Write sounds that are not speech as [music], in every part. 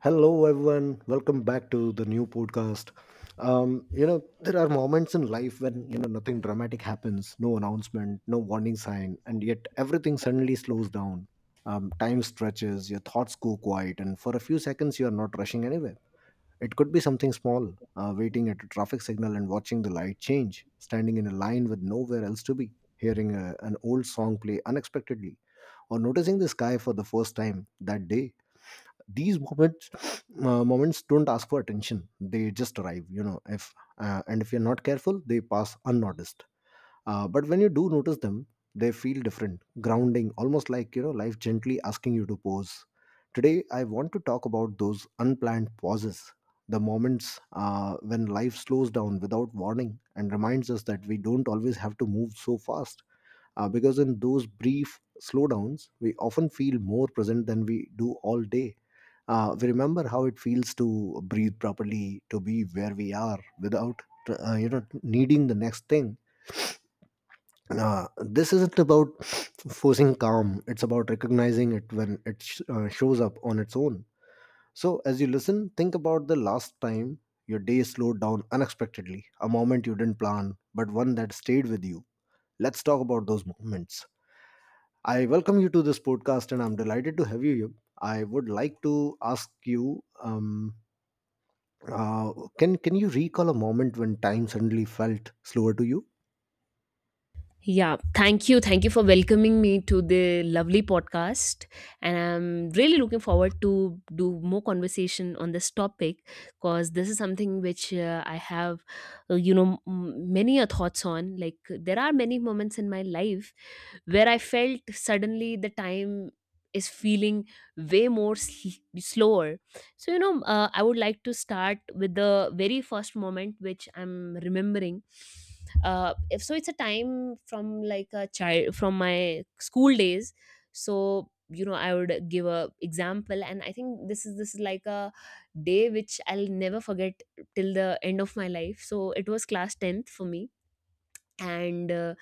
Hello, everyone. Welcome back to the new podcast. There are moments in life when nothing dramatic happens, no announcement, no warning sign, and yet everything suddenly slows down. Time stretches, your thoughts go quiet, and for a few seconds, you are not rushing anywhere. It could be something small, waiting at a traffic signal and watching the light change, standing in a line with nowhere else to be, hearing an old song play unexpectedly, or noticing the sky for the first time that day. These moments don't ask for attention, they just arrive. If you're not careful, they pass unnoticed. But when you do notice them, they feel different, grounding, almost like life gently asking you to pause. Today I want to talk about those unplanned pauses, the moments when life slows down without warning and reminds us that we don't always have to move so fast. Because in those brief slowdowns, we often feel more present than we do all day. We remember how it feels to breathe properly, to be where we are without, needing the next thing. This isn't about [sniffs] forcing calm. It's about recognizing it when it shows up on its own. So as you listen, think about the last time your day slowed down unexpectedly, a moment you didn't plan, but one that stayed with you. Let's talk about those moments. I welcome you to this podcast, and I'm delighted to have you here. I would like to ask you. Can you recall a moment when time suddenly felt slower to you? Yeah, thank you. Thank you for welcoming me to the lovely podcast. And I'm really looking forward to do more conversation on this topic because this is something which I have, many a thoughts on. Like there are many moments in my life where I felt suddenly the time is feeling way more slower. So I would like to start with the very first moment which I'm remembering, if so it's a time from like a child from my school days. So I would give a example, and I think this is like a day which I'll never forget till the end of my life. So it was class 10th for me. And uh,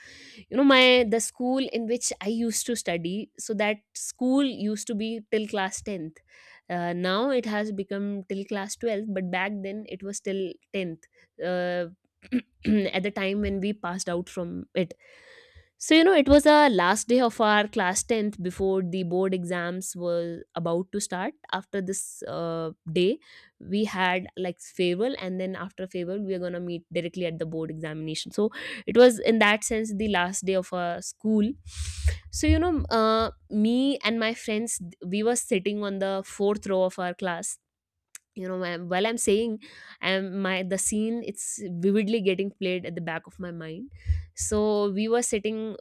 you know my the school in which I used to study, so that school used to be till class 10th. Now it has become till class 12th, but back then it was till 10th. uh, [clears throat] at the time when we passed out from it, so it was a last day of our class 10th before the board exams were about to start. After this day, we had like farewell, and then after farewell we are going to meet directly at the board examination. So it was in that sense the last day of school. So me and my friends, we were sitting on the fourth row of our class. While I'm saying, my the scene, it's vividly getting played at the back of my mind. So we were sitting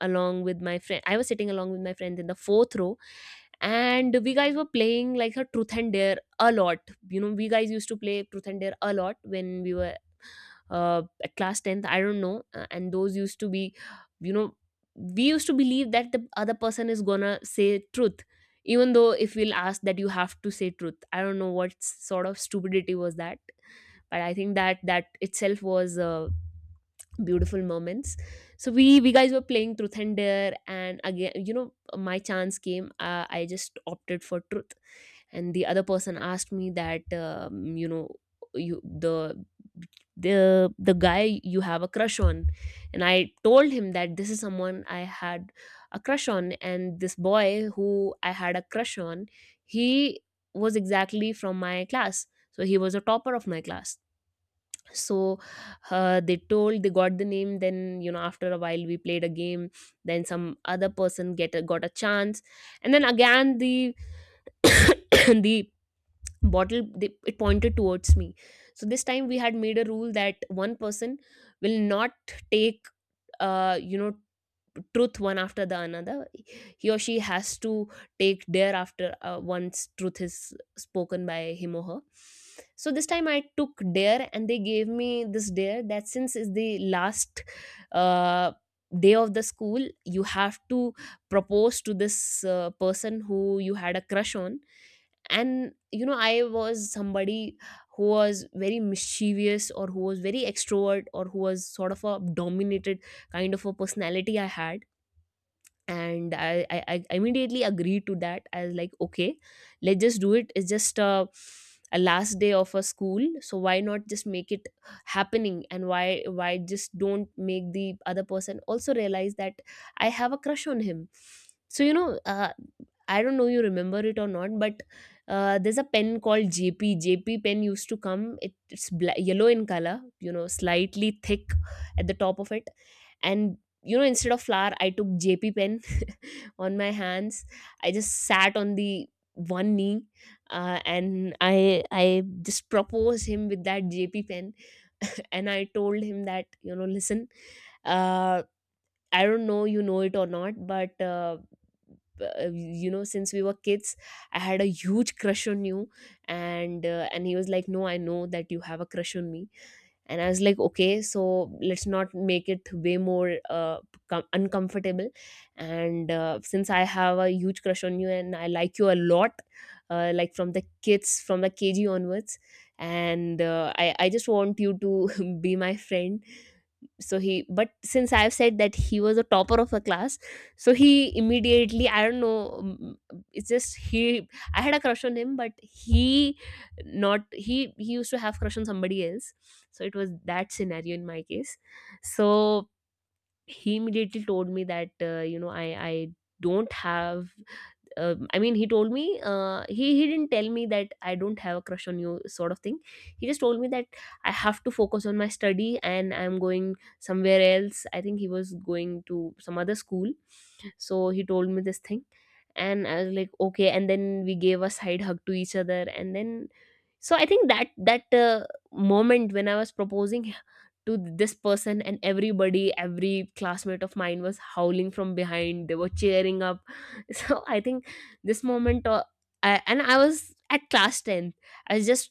along with my friend I was sitting along with my friend in the fourth row. And we guys were playing like a truth and dare a lot. We guys used to play truth and dare a lot when we were at class 10th, I don't know. And those used to be, you know we used to believe that the other person is gonna say truth, even though if we'll ask that you have to say truth. I don't know what sort of stupidity was that, but I think that that itself was beautiful moments. So we guys were playing truth and dare, and again, my chance came. I just opted for truth, and the other person asked me that, you the guy you have a crush on. And I told him that this is someone I had a crush on. And this boy who I had a crush on, he was exactly from my class, so he was a topper of my class. So they got the name. Then, after a while we played a game. Then some other person got a chance. And then again the [coughs] the bottle, it pointed towards me. So this time we had made a rule that one person will not take, uh you know truth one after the another. He or she has to take dare after, once truth is spoken by him or her. So this time I took dare, and they gave me this dare that since is the last uh, day of the school, you have to propose to this person who you had a crush on. And I was somebody who was very mischievous, or who was very extrovert, or who was sort of a dominated kind of a personality I had. And I immediately agreed to that. I was like, okay, let's just do it. It's just a last day of a school, so why not just make it happening? And why just don't make the other person also realize that I have a crush on him? So I don't know you remember it or not, but there's a pen called JP pen used to come. It's yellow in color, slightly thick at the top of it. And instead of flower, I took JP pen on my hands. I just sat on the one knee, and I just proposed him with that JP pen [laughs] and I told him that, listen, uh, I don't know you know it or not, but since we were kids, I had a huge crush on you. And he was like, no, I know that you have a crush on me. And I was like, okay, so let's not make it way more uncomfortable. And since I have a huge crush on you, and I like you a lot, like from the kg onwards. And I just want you to [laughs] be my friend. So he but since I've said that he was a topper of a class, so he immediately, I don't know, it's just he, I had a crush on him, but he, not he used to have crush on somebody else. So it was that scenario in my case. So he immediately told me that, I don't have, I mean, he told me, he didn't tell me that I don't have a crush on you sort of thing. He just told me that I have to focus on my study, and I'm going somewhere else. I think he was going to some other school. So he told me this thing. And I was like, "Okay." And then we gave a side hug to each other, and then, so I think that that moment when I was proposing to this person, and every classmate of mine was howling from behind, they were cheering up [laughs] so I think this moment, and I was at class 10. I was just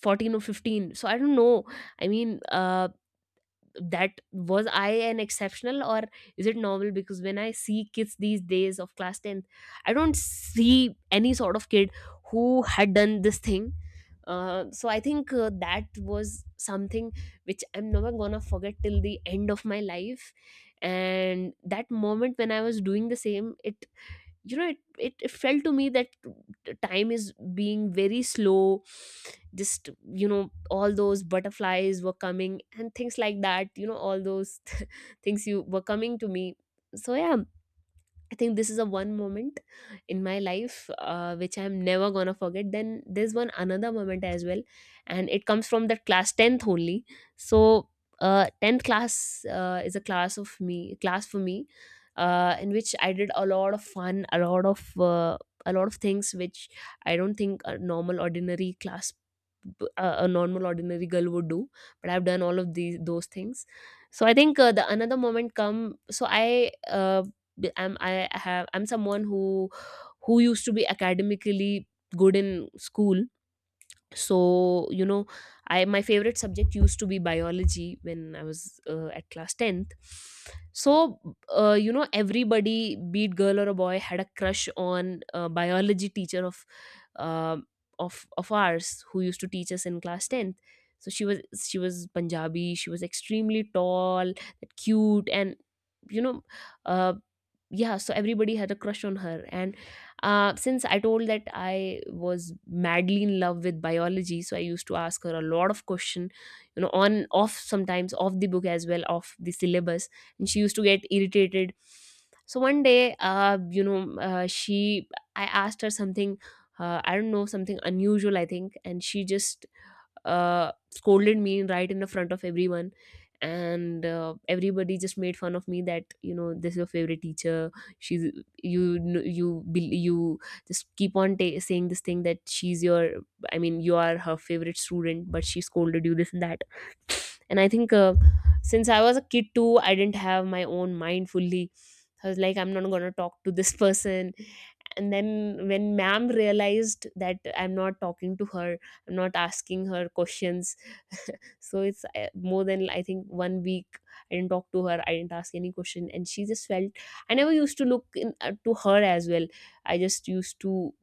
14 or 15, so I don't know. I mean, that was I an exceptional, or is it normal? Because when I see kids these days of class 10th, I don't see any sort of kid who had done this thing. So I think that was something which I'm never gonna forget till the end of my life. And that moment when I was doing the same, it you know it, it it felt to me that time is being very slow. Just, all those butterflies were coming and things like that, all those [laughs] things you were coming to me. So yeah, I think this is a one moment in my life, which I'm never gonna forget. Then there's one another moment as well, and it comes from that class tenth only. So tenth class, is a class for me, in which I did a lot of fun, a lot of things which I don't think a normal ordinary girl would do. But I've done all of these those things. So I think the another moment come. So I uh, b- I'm I have I'm someone who used to be academically good in school. So I my favorite subject used to be biology when I was at class 10th. So everybody, be it girl or a boy, had a crush on a biology teacher um of ours who used to teach us in class 10th. So she was Punjabi, she was extremely tall, cute, and you know uh, yeah. So everybody had a crush on her. And since I told that I was madly in love with biology, so I used to ask her a lot of question, on off sometimes, off the book as well, off the syllabus, and she used to get irritated. So one day, you know, she I asked her something, I don't know, something unusual, I think, and she just scolded me right in the front of everyone, and everybody just made fun of me that this is your favorite teacher. She's you kn- you bel- you just keep on ta saying this thing that she's your I mean you are her favorite student, but she scolded you this and that. And I think since I was a kid too, I didn't have my own mind fully. I was like, I'm not going to talk to this [laughs] person. And then when ma'am realized that I'm not talking to her, I'm not asking her questions, so it's more than I think 1 week, I didn't talk to her, I didn't ask any question, and she just felt. I never used to look to her as well. I just used to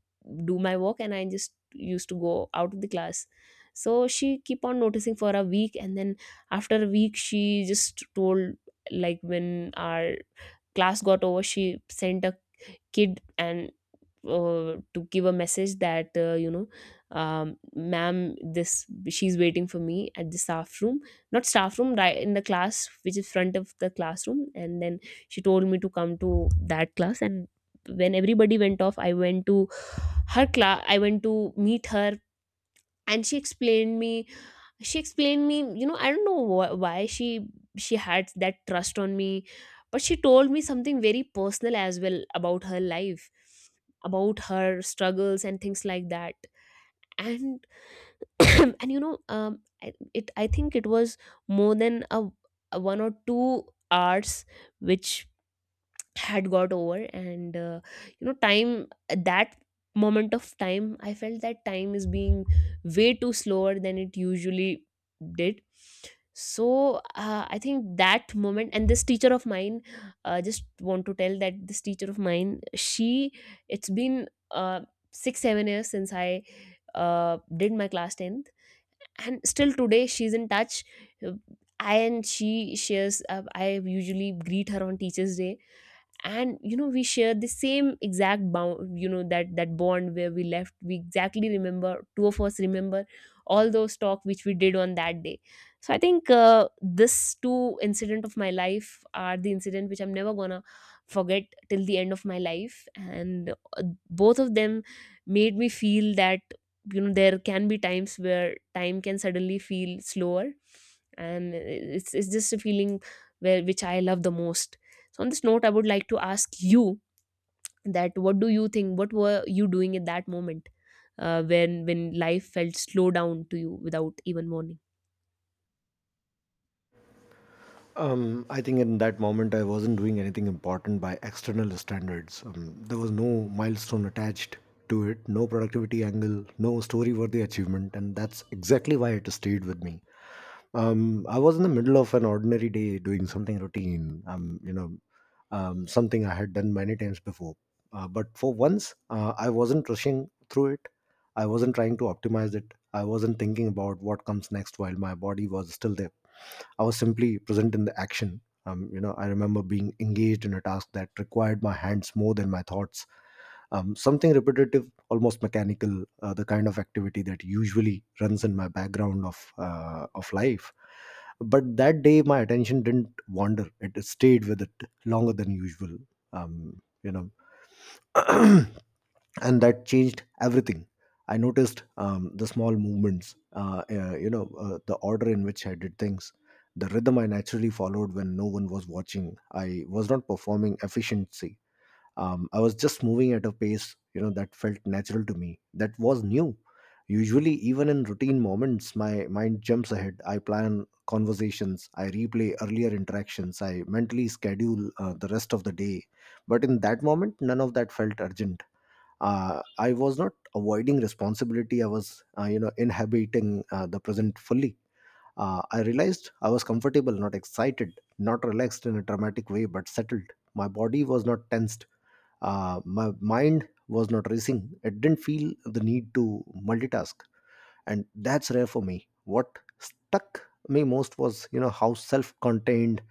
do my work, and I just used to go out of the class. So she keep on noticing for a week, and then after a week she just told, like, when our class got over, she sent a kid and to give a message that ma'am this, she's waiting for me at the staff room, not staff room, right in the class which is front of the classroom, and then she told me to come to that class. And when everybody went off, I went to her class, I went to meet her. And she explained me, you know, I don't know why she had that trust on me, but she told me something very personal as well about her life, about her struggles and things like that. And [coughs] [clears throat] and you know I- it I think it was more than a 1 or 2 hours which had got over. And time at that moment of time, I felt that time is being way too slower than it usually did. So I think that moment and this teacher of mine, just want to tell that this teacher of mine, she, it's been 6 7 years since I did my class 10th, and still today she's in touch. Uh, I and she shares, I usually greet her on Teachers Day. And you know we share the same exact bound you know, that that bond where we left, we exactly remember, two of us remember all those talk which we did on that day. So I think this two incident of my life are the incident which I'm never gonna forget till the end of my life. And both of them made me feel that, you know, there can be times where time can suddenly feel slower. And it's just a feeling where which I love the most. So on this note, I would like to ask you that, what do you think? What were you doing at that moment when life felt slow down to you without even warning? I think in that moment I wasn't doing anything important by external standards. There was no milestone attached to it, no productivity angle, no story-worthy achievement, and that's exactly why it stayed with me. I was in the middle of an ordinary day doing something routine. Something I had done many times before. But for once, I wasn't rushing through it. I wasn't trying to optimize it. I wasn't thinking about what comes next while my body was still there. I was simply present in the action. I remember being engaged in a task that required my hands more than my thoughts, something repetitive, almost mechanical, the kind of activity that usually runs in my background of life. But that day my attention didn't wander, it stayed with it longer than usual. um, you know [clears throat] and that changed everything. I noticed the small movements, the order in which I did things, the rhythm I naturally followed when no one was watching. I was not performing efficiency. I was just moving at a pace that felt natural to me. That was new. Usually, even in routine moments, my mind jumps ahead. I plan conversations, I replay earlier interactions, I mentally schedule the rest of the day. But in that moment, none of that felt urgent. I was not avoiding responsibility. I was, inhabiting the present fully. I realized I was comfortable, not excited, not relaxed in a dramatic way, but settled. My body was not tensed. My mind was not racing. It didn't feel the need to multitask, and that's rare for me. What stuck me most was how self-contained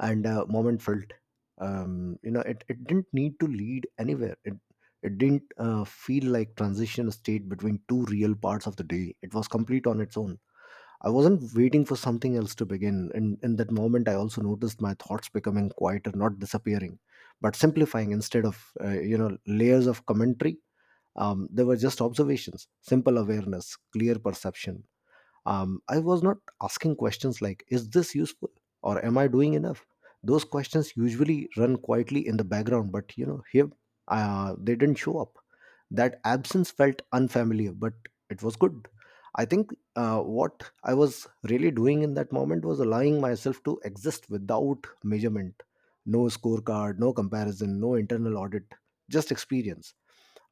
and moment felt. It didn't need to lead anywhere. It didn't feel like transition state between two real parts of the day. It was complete on its own. I wasn't waiting for something else to begin. In that moment, I also noticed my thoughts becoming quieter, not disappearing, but simplifying, instead of, layers of commentary. They were just observations, simple awareness, clear perception. I was not asking questions like, is this useful? Or am I doing enough? Those questions usually run quietly in the background, but here they didn't show up. That absence felt unfamiliar, but it was good. I think what I was really doing in that moment was allowing myself to exist without measurement. No scorecard, no comparison, no internal audit, just experience.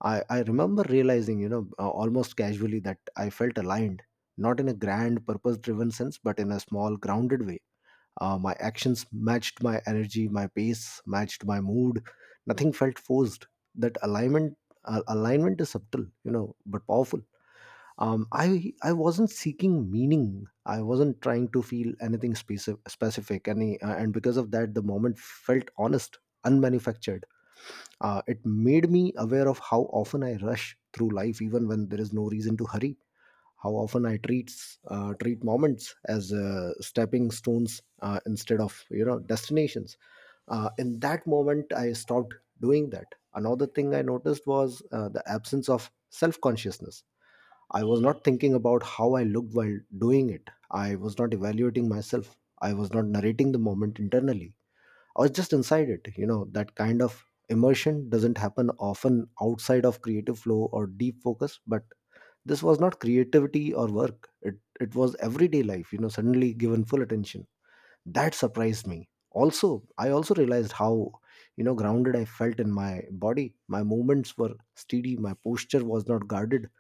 I remember realizing, almost casually, that I felt aligned, not in a grand purpose driven sense, but in a small grounded way. My actions matched my energy, my pace matched my mood. Nothing felt forced. That alignment is subtle, you know, but powerful. I wasn't seeking meaning. I wasn't trying to feel anything specific. And because of that, the moment felt honest, unmanufactured. It made me aware of how often I rush through life, even when there is no reason to hurry, how often I treat moments as stepping stones, instead of destinations. In that moment, I stopped doing that. Another thing I noticed was the absence of self consciousness. I was not thinking about how I looked while doing it. I was not evaluating myself. I was not narrating the moment internally. I was just inside it. You know, that kind of immersion doesn't happen often outside of creative flow or deep focus, but this was not creativity or work. It was everyday life, you know, suddenly given full attention. That surprised me. Also, I also realized how grounded I felt in my body. My movements were steady, my posture was not guarded,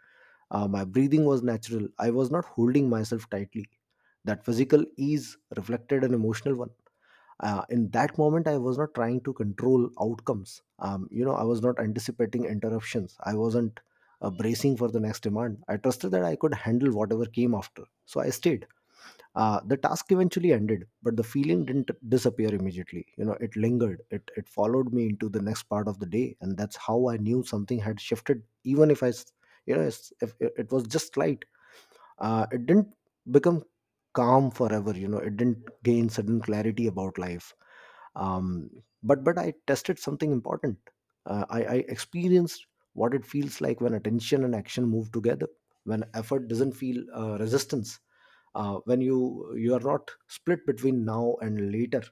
my breathing was natural. I was not holding myself tightly. That physical ease reflected an emotional one. In that moment, I was not trying to control outcomes. I was not anticipating interruptions. I wasn't bracing for the next demand. I trusted that I could handle whatever came after, so I stayed. The task eventually ended, but the feeling didn't disappear immediately. It lingered, it followed me into the next part of the day, and that's how I knew something had shifted, even if I s- you know it's- if it it was just light. It didn't become calm forever. It didn't gain sudden clarity about life. Um, but but I tested something important. I experienced what it feels like when attention and action move together, when effort doesn't feel resistance, when you are not split between now and later.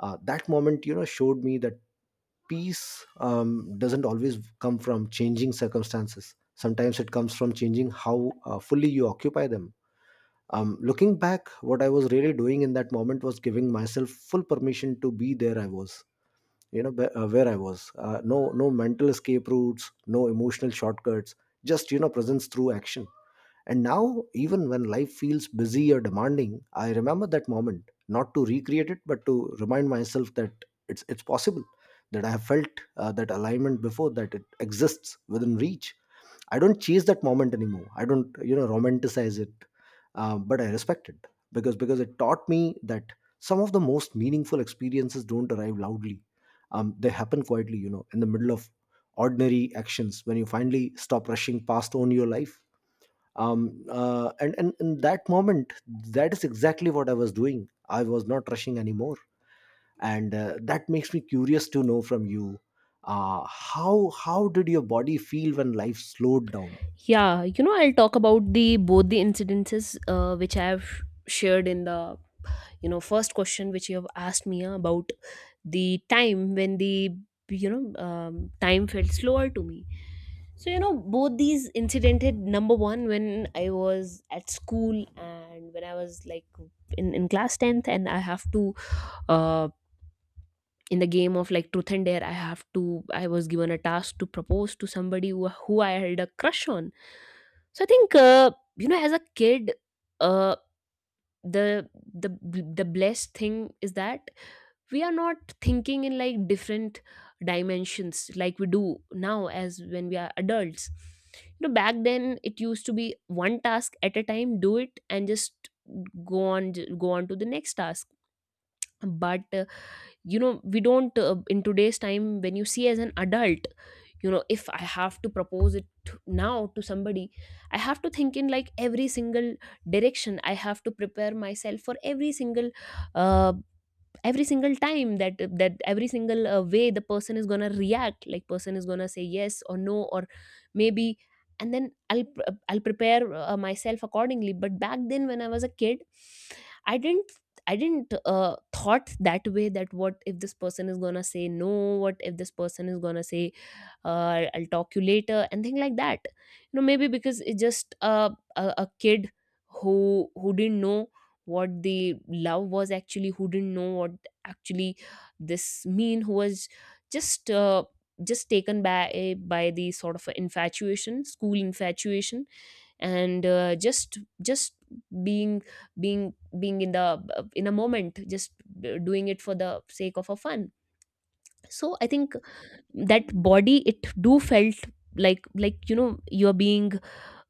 That moment, showed me that peace doesn't always come from changing circumstances. Sometimes it comes from changing how fully you occupy them. Looking back, what I was really doing in that moment was giving myself full permission to be there. I was, where I was, no mental escape routes, no emotional shortcuts, just presence through action. And now, even when life feels busy or demanding, I remember that moment, not to recreate it, but to remind myself that it's possible, that I have felt that alignment before, that it exists within reach. I don't chase that moment anymore. I don't romanticize it, but I respect it, because it taught me that some of the most meaningful experiences don't arrive loudly. They happen quietly, you know, in the middle of ordinary actions, when you finally stop rushing past on your life. And in that moment, that is exactly what I was doing. I was not rushing anymore, and that makes me curious to know from you. How did your body feel when life slowed down? Yeah, you know, I'll talk about the both the incidences which I have shared in the, you know, first question which you have asked me about the time when the, you know time felt slower to me. So you know both these incident had, number one, when I was at school and when I was like in class 10th, and I have to, uh, in the game of like truth and dare, I have to, I was given a task to propose to somebody who I had a crush on. So I think you know, as a kid, uh, the the the blessed thing is that we are not thinking in like different dimensions like we do now as when we are adults. You know, back then it used to be one task at a time, do it, and just go on go on to the next task. But you know, we don't in today's time when you see as an adult, you know, if I have to propose it now to somebody, I have to think in like every single direction, I have to prepare myself for uh, every single time that every single way the person is gonna react, like person is gonna say yes or no or maybe, and then I'll prepare myself accordingly. But back then when I was a kid, i didn't I didn't thought that way, that what if this person is gonna say no, what if this person is gonna say, I'll talk you later and things like that. You know, maybe because it's just a kid who didn't know what the love was actually, who didn't know what actually this mean, who was just uh, just taken by the sort of infatuation, school infatuation, and just being being in a moment, just doing it for the sake of a fun. So I think that body, it do felt like, you know, you're being,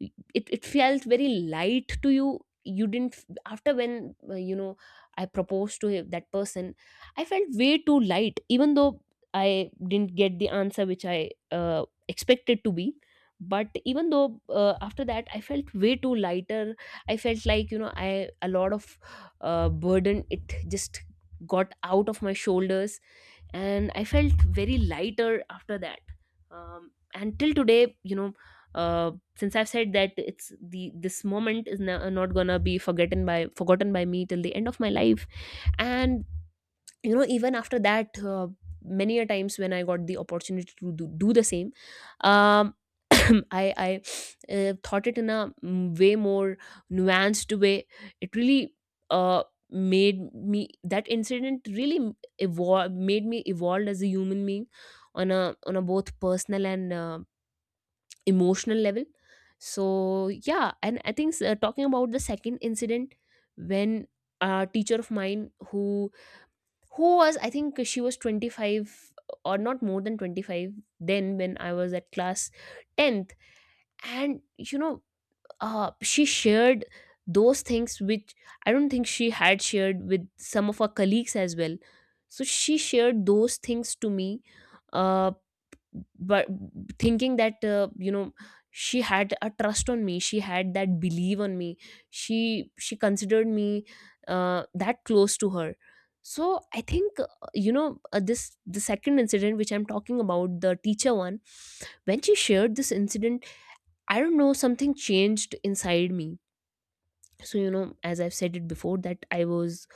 it felt very light to you. You didn't after when, I proposed to that person, I felt way too light, even though I didn't get the answer which I expected to be. But even though, after that I felt way too lighter. I felt like, you know, I a lot of burden, it just got out of my shoulders, and I felt very lighter after that. And till today, you know, since I've said that it's the this moment is not gonna be forgotten by me till the end of my life. And you know, even after that, many a times when I got the opportunity to do the same, um, [clears throat] I thought it in a way more nuanced way. It really uh, made me that incident really evolved made me evolved as a human being on a both personal and emotional level. So yeah, and I think talking about the second incident, when a teacher of mine, who was, I think she was 25, or not more than 25, then when I was at class tenth. And you know she shared those things which I don't think she had shared with some of her colleagues as well. So she shared those things to me, uh, but thinking that, she had a trust on me, she had that belief on me, she considered me that close to her. So I think this the second incident which I'm talking about, the teacher one, when she shared this incident, I don't know, something changed inside me. So, you know, as I've said it before, that I was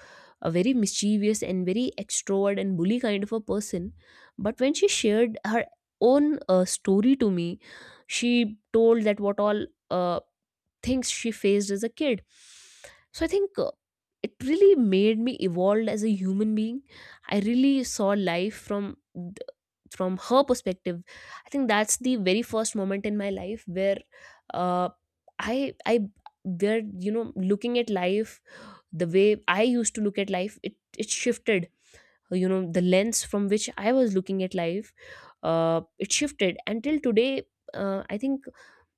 a very mischievous and very extrovert and bully kind of a person. But when she shared her own story to me, she told that what all uh, things she faced as a kid. So I think it really made me evolved as a human being. I really saw life from her perspective. I think that's the very first moment in my life where, uh, I where, you know, looking at life the way I used to look at life, it shifted. You know, the lens from which I was looking at life, it shifted. Until today, I think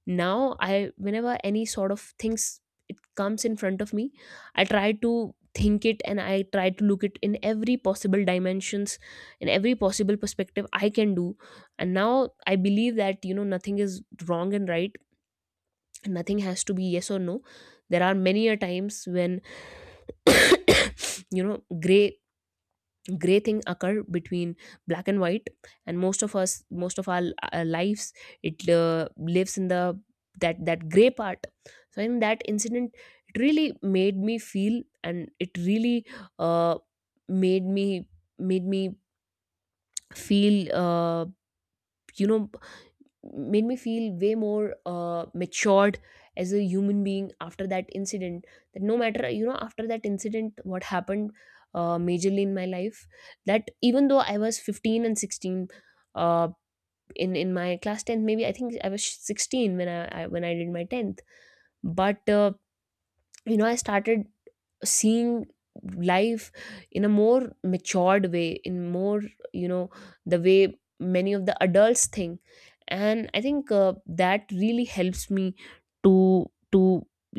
now, I whenever any sort of things, it comes in front of me, I try to think it and I try to look it in every possible dimensions, in every possible perspective I can do. And now I believe that, you know, nothing is wrong and right, and nothing has to be yes or no. There are many a times when [coughs] you know gray thing occur between black and white, and most of our lives, it lives in the that gray part. So in that incident, it really made me feel, and it really uh, made me made me feel, you know made me feel way more matured as a human being after that incident. That no matter, you know, after that incident what happened majorly in my life, that even though I was 15 and 16, uh, in my class 10th, maybe I think I was 16 when I when I did my 10th. But you know, I started seeing life in a more matured way, in more, you know, the way many of the adults think. And I think that really helps me to to,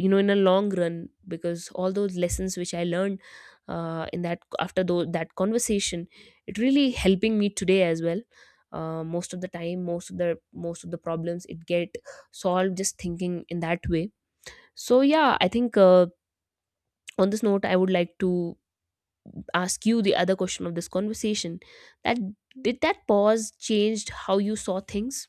you know, in a long run, because all those lessons which I learned in that that conversation, it really helping me today as well. Most of the time, most of the problems, it get solved just thinking in that way. So yeah, I think on this note, I would like to ask you the other question of this conversation, that did that pause changed how you saw things?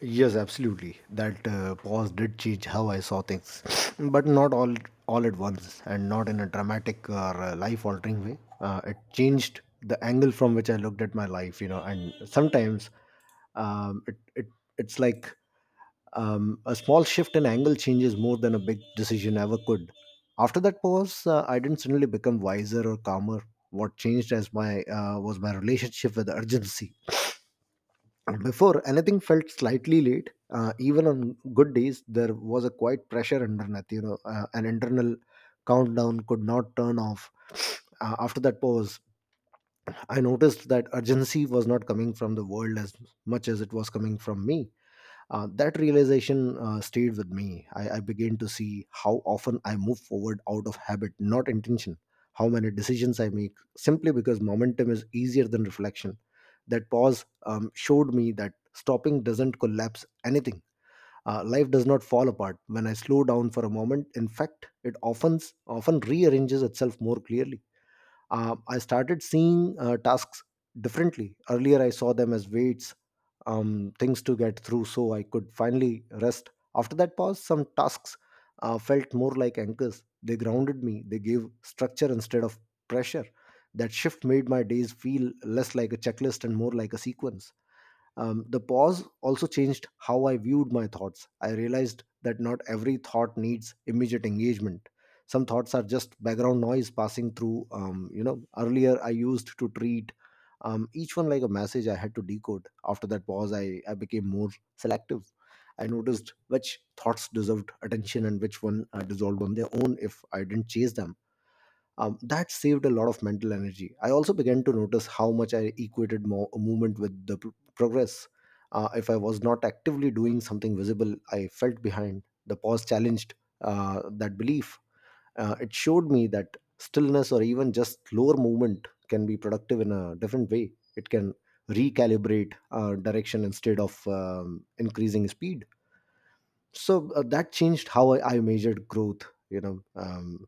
Yes, absolutely. That pause did change how I saw things, [sniffs] but not all at once, and not in a dramatic or life-altering way. It changed the angle from which I looked at my life, you know. And sometimes, um, it, it it's like a small shift in angle changes more than a big decision ever could. After that pause, I didn't suddenly become wiser or calmer. What changed as my was my relationship with urgency. Before, anything felt slightly late, even on good days, there was a quiet pressure underneath. You know, an internal countdown could not turn off. [sniffs] After that pause, I noticed that urgency was not coming from the world as much as it was coming from me. That realization stayed with me. I began to see how often I move forward out of habit, not intention, how many decisions I make simply because momentum is easier than reflection. That pause showed me that stopping doesn't collapse anything. Life does not fall apart when I slow down for a moment. In fact, it often rearranges itself more clearly. I started seeing tasks differently. Earlier, I saw them as weights, things to get through, so I could finally rest. After that pause, some tasks felt more like anchors. They grounded me, they gave structure instead of pressure. That shift made my days feel less like a checklist and more like a sequence. The pause also changed how I viewed my thoughts. I realized that not every thought needs immediate engagement. Some thoughts are just background noise passing through. Earlier I used to treat each one like a message I had to decode. After that pause, I became more selective. I noticed which thoughts deserved attention and which one dissolved on their own if I didn't chase them. That saved a lot of mental energy. I also began to notice how much I equated movement with the progress. If I was not actively doing something visible, I felt behind. The pause challenged that belief. It showed me that stillness or even just slower movement can be productive in a different way. It can recalibrate direction instead of increasing speed. So that changed how I measured growth, you know um,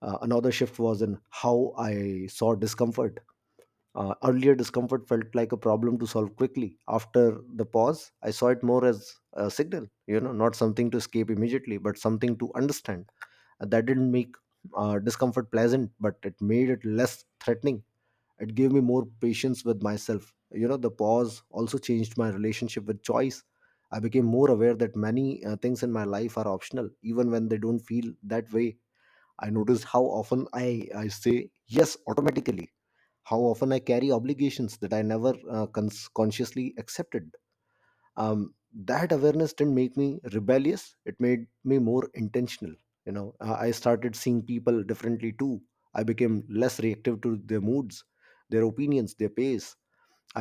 uh, Another shift was in how I saw discomfort. Earlier discomfort felt like a problem to solve quickly. After the pause I saw it more as a signal, you know, not something to escape immediately but something to understand. And that didn't make discomfort pleasant, but it made it less threatening. It gave me more patience with myself. You know, the pause also changed my relationship with choice. I became more aware that many things in my life are optional, even when they don't feel that way. I noticed how often I say yes automatically, how often I carry obligations that I never consciously accepted. That awareness didn't make me rebellious, it made me more intentional. You know, I started seeing people differently too. I became less reactive to their moods, their opinions, their pace.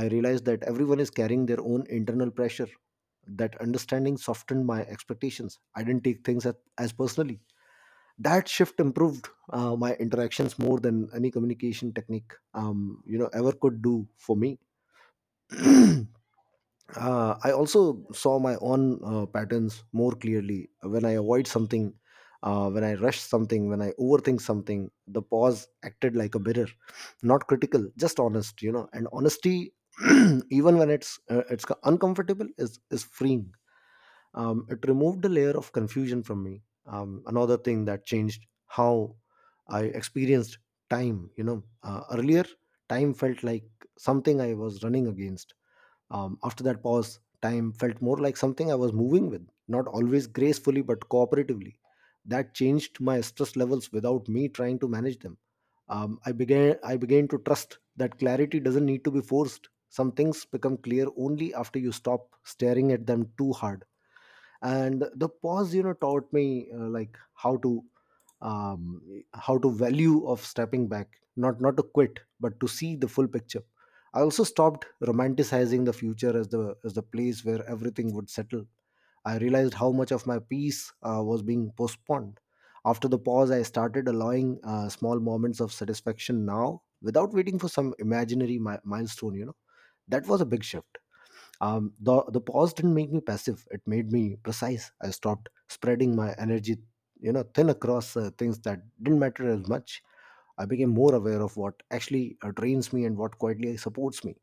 I realized that everyone is carrying their own internal pressure. That understanding softened my expectations. I didn't take things as personally. That shift improved my interactions more than any communication technique um, you know ever could do for me. [clears throat] I also saw my own patterns more clearly, when I avoid something, when I rush something, when I overthink something. The pause acted like a mirror, not critical, just honest, you know. And honesty, [clears throat] even when it's uncomfortable, is freeing. It removed a layer of confusion from me. Another thing that changed how I experienced time. You know, earlier time felt like something I was running against. After that pause, time felt more like something I was moving with, not always gracefully but cooperatively. That changed my stress levels without me trying to manage them. I began to trust that clarity doesn't need to be forced. Some things become clear only after you stop staring at them too hard. And the pause, you know, taught me like um, how to value of stepping back, not to quit but to see the full picture. I also stopped romanticizing the future as the place where everything would settle. I realized how much of my peace was being postponed. After the pause I started allowing small moments of satisfaction now without waiting for some imaginary milestone, you know. That was a big shift. The pause didn't make me passive; it made me precise. I stopped spreading my energy, you know, thin across things that didn't matter as much. I became more aware of what actually drains me and what quietly supports me.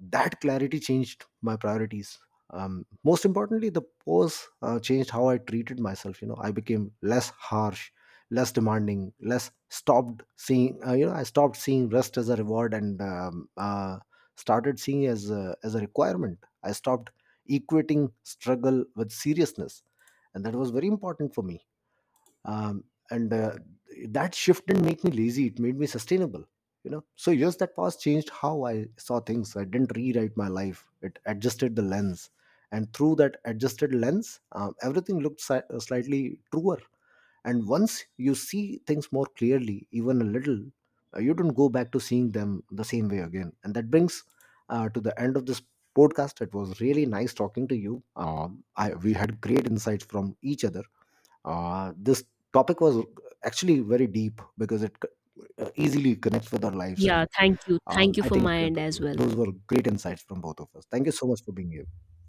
That clarity changed my priorities. Most importantly, the pose changed how I treated myself. You know, I became less harsh, less demanding, less stopped seeing you know, I stopped seeing rest as a reward, and started seeing as as a requirement. I stopped equating struggle with seriousness, and that was very important for me. Um, and That shift didn't make me lazy, it made me sustainable, you know. So years that passed changed how I saw things. I didn't rewrite my life, it adjusted the lens. And through that adjusted lens, everything looked slightly truer. And once you see things more clearly, even a little, you don't go back to seeing them the same way again. And that brings to the end of this podcast. It was really nice talking to you. We had great insights from each other. This topic was actually very deep because it easily connects with our lives, and Yeah, thank you. Thank you I for think my end as well. those were great insights from both of us. Thank you so much for being here.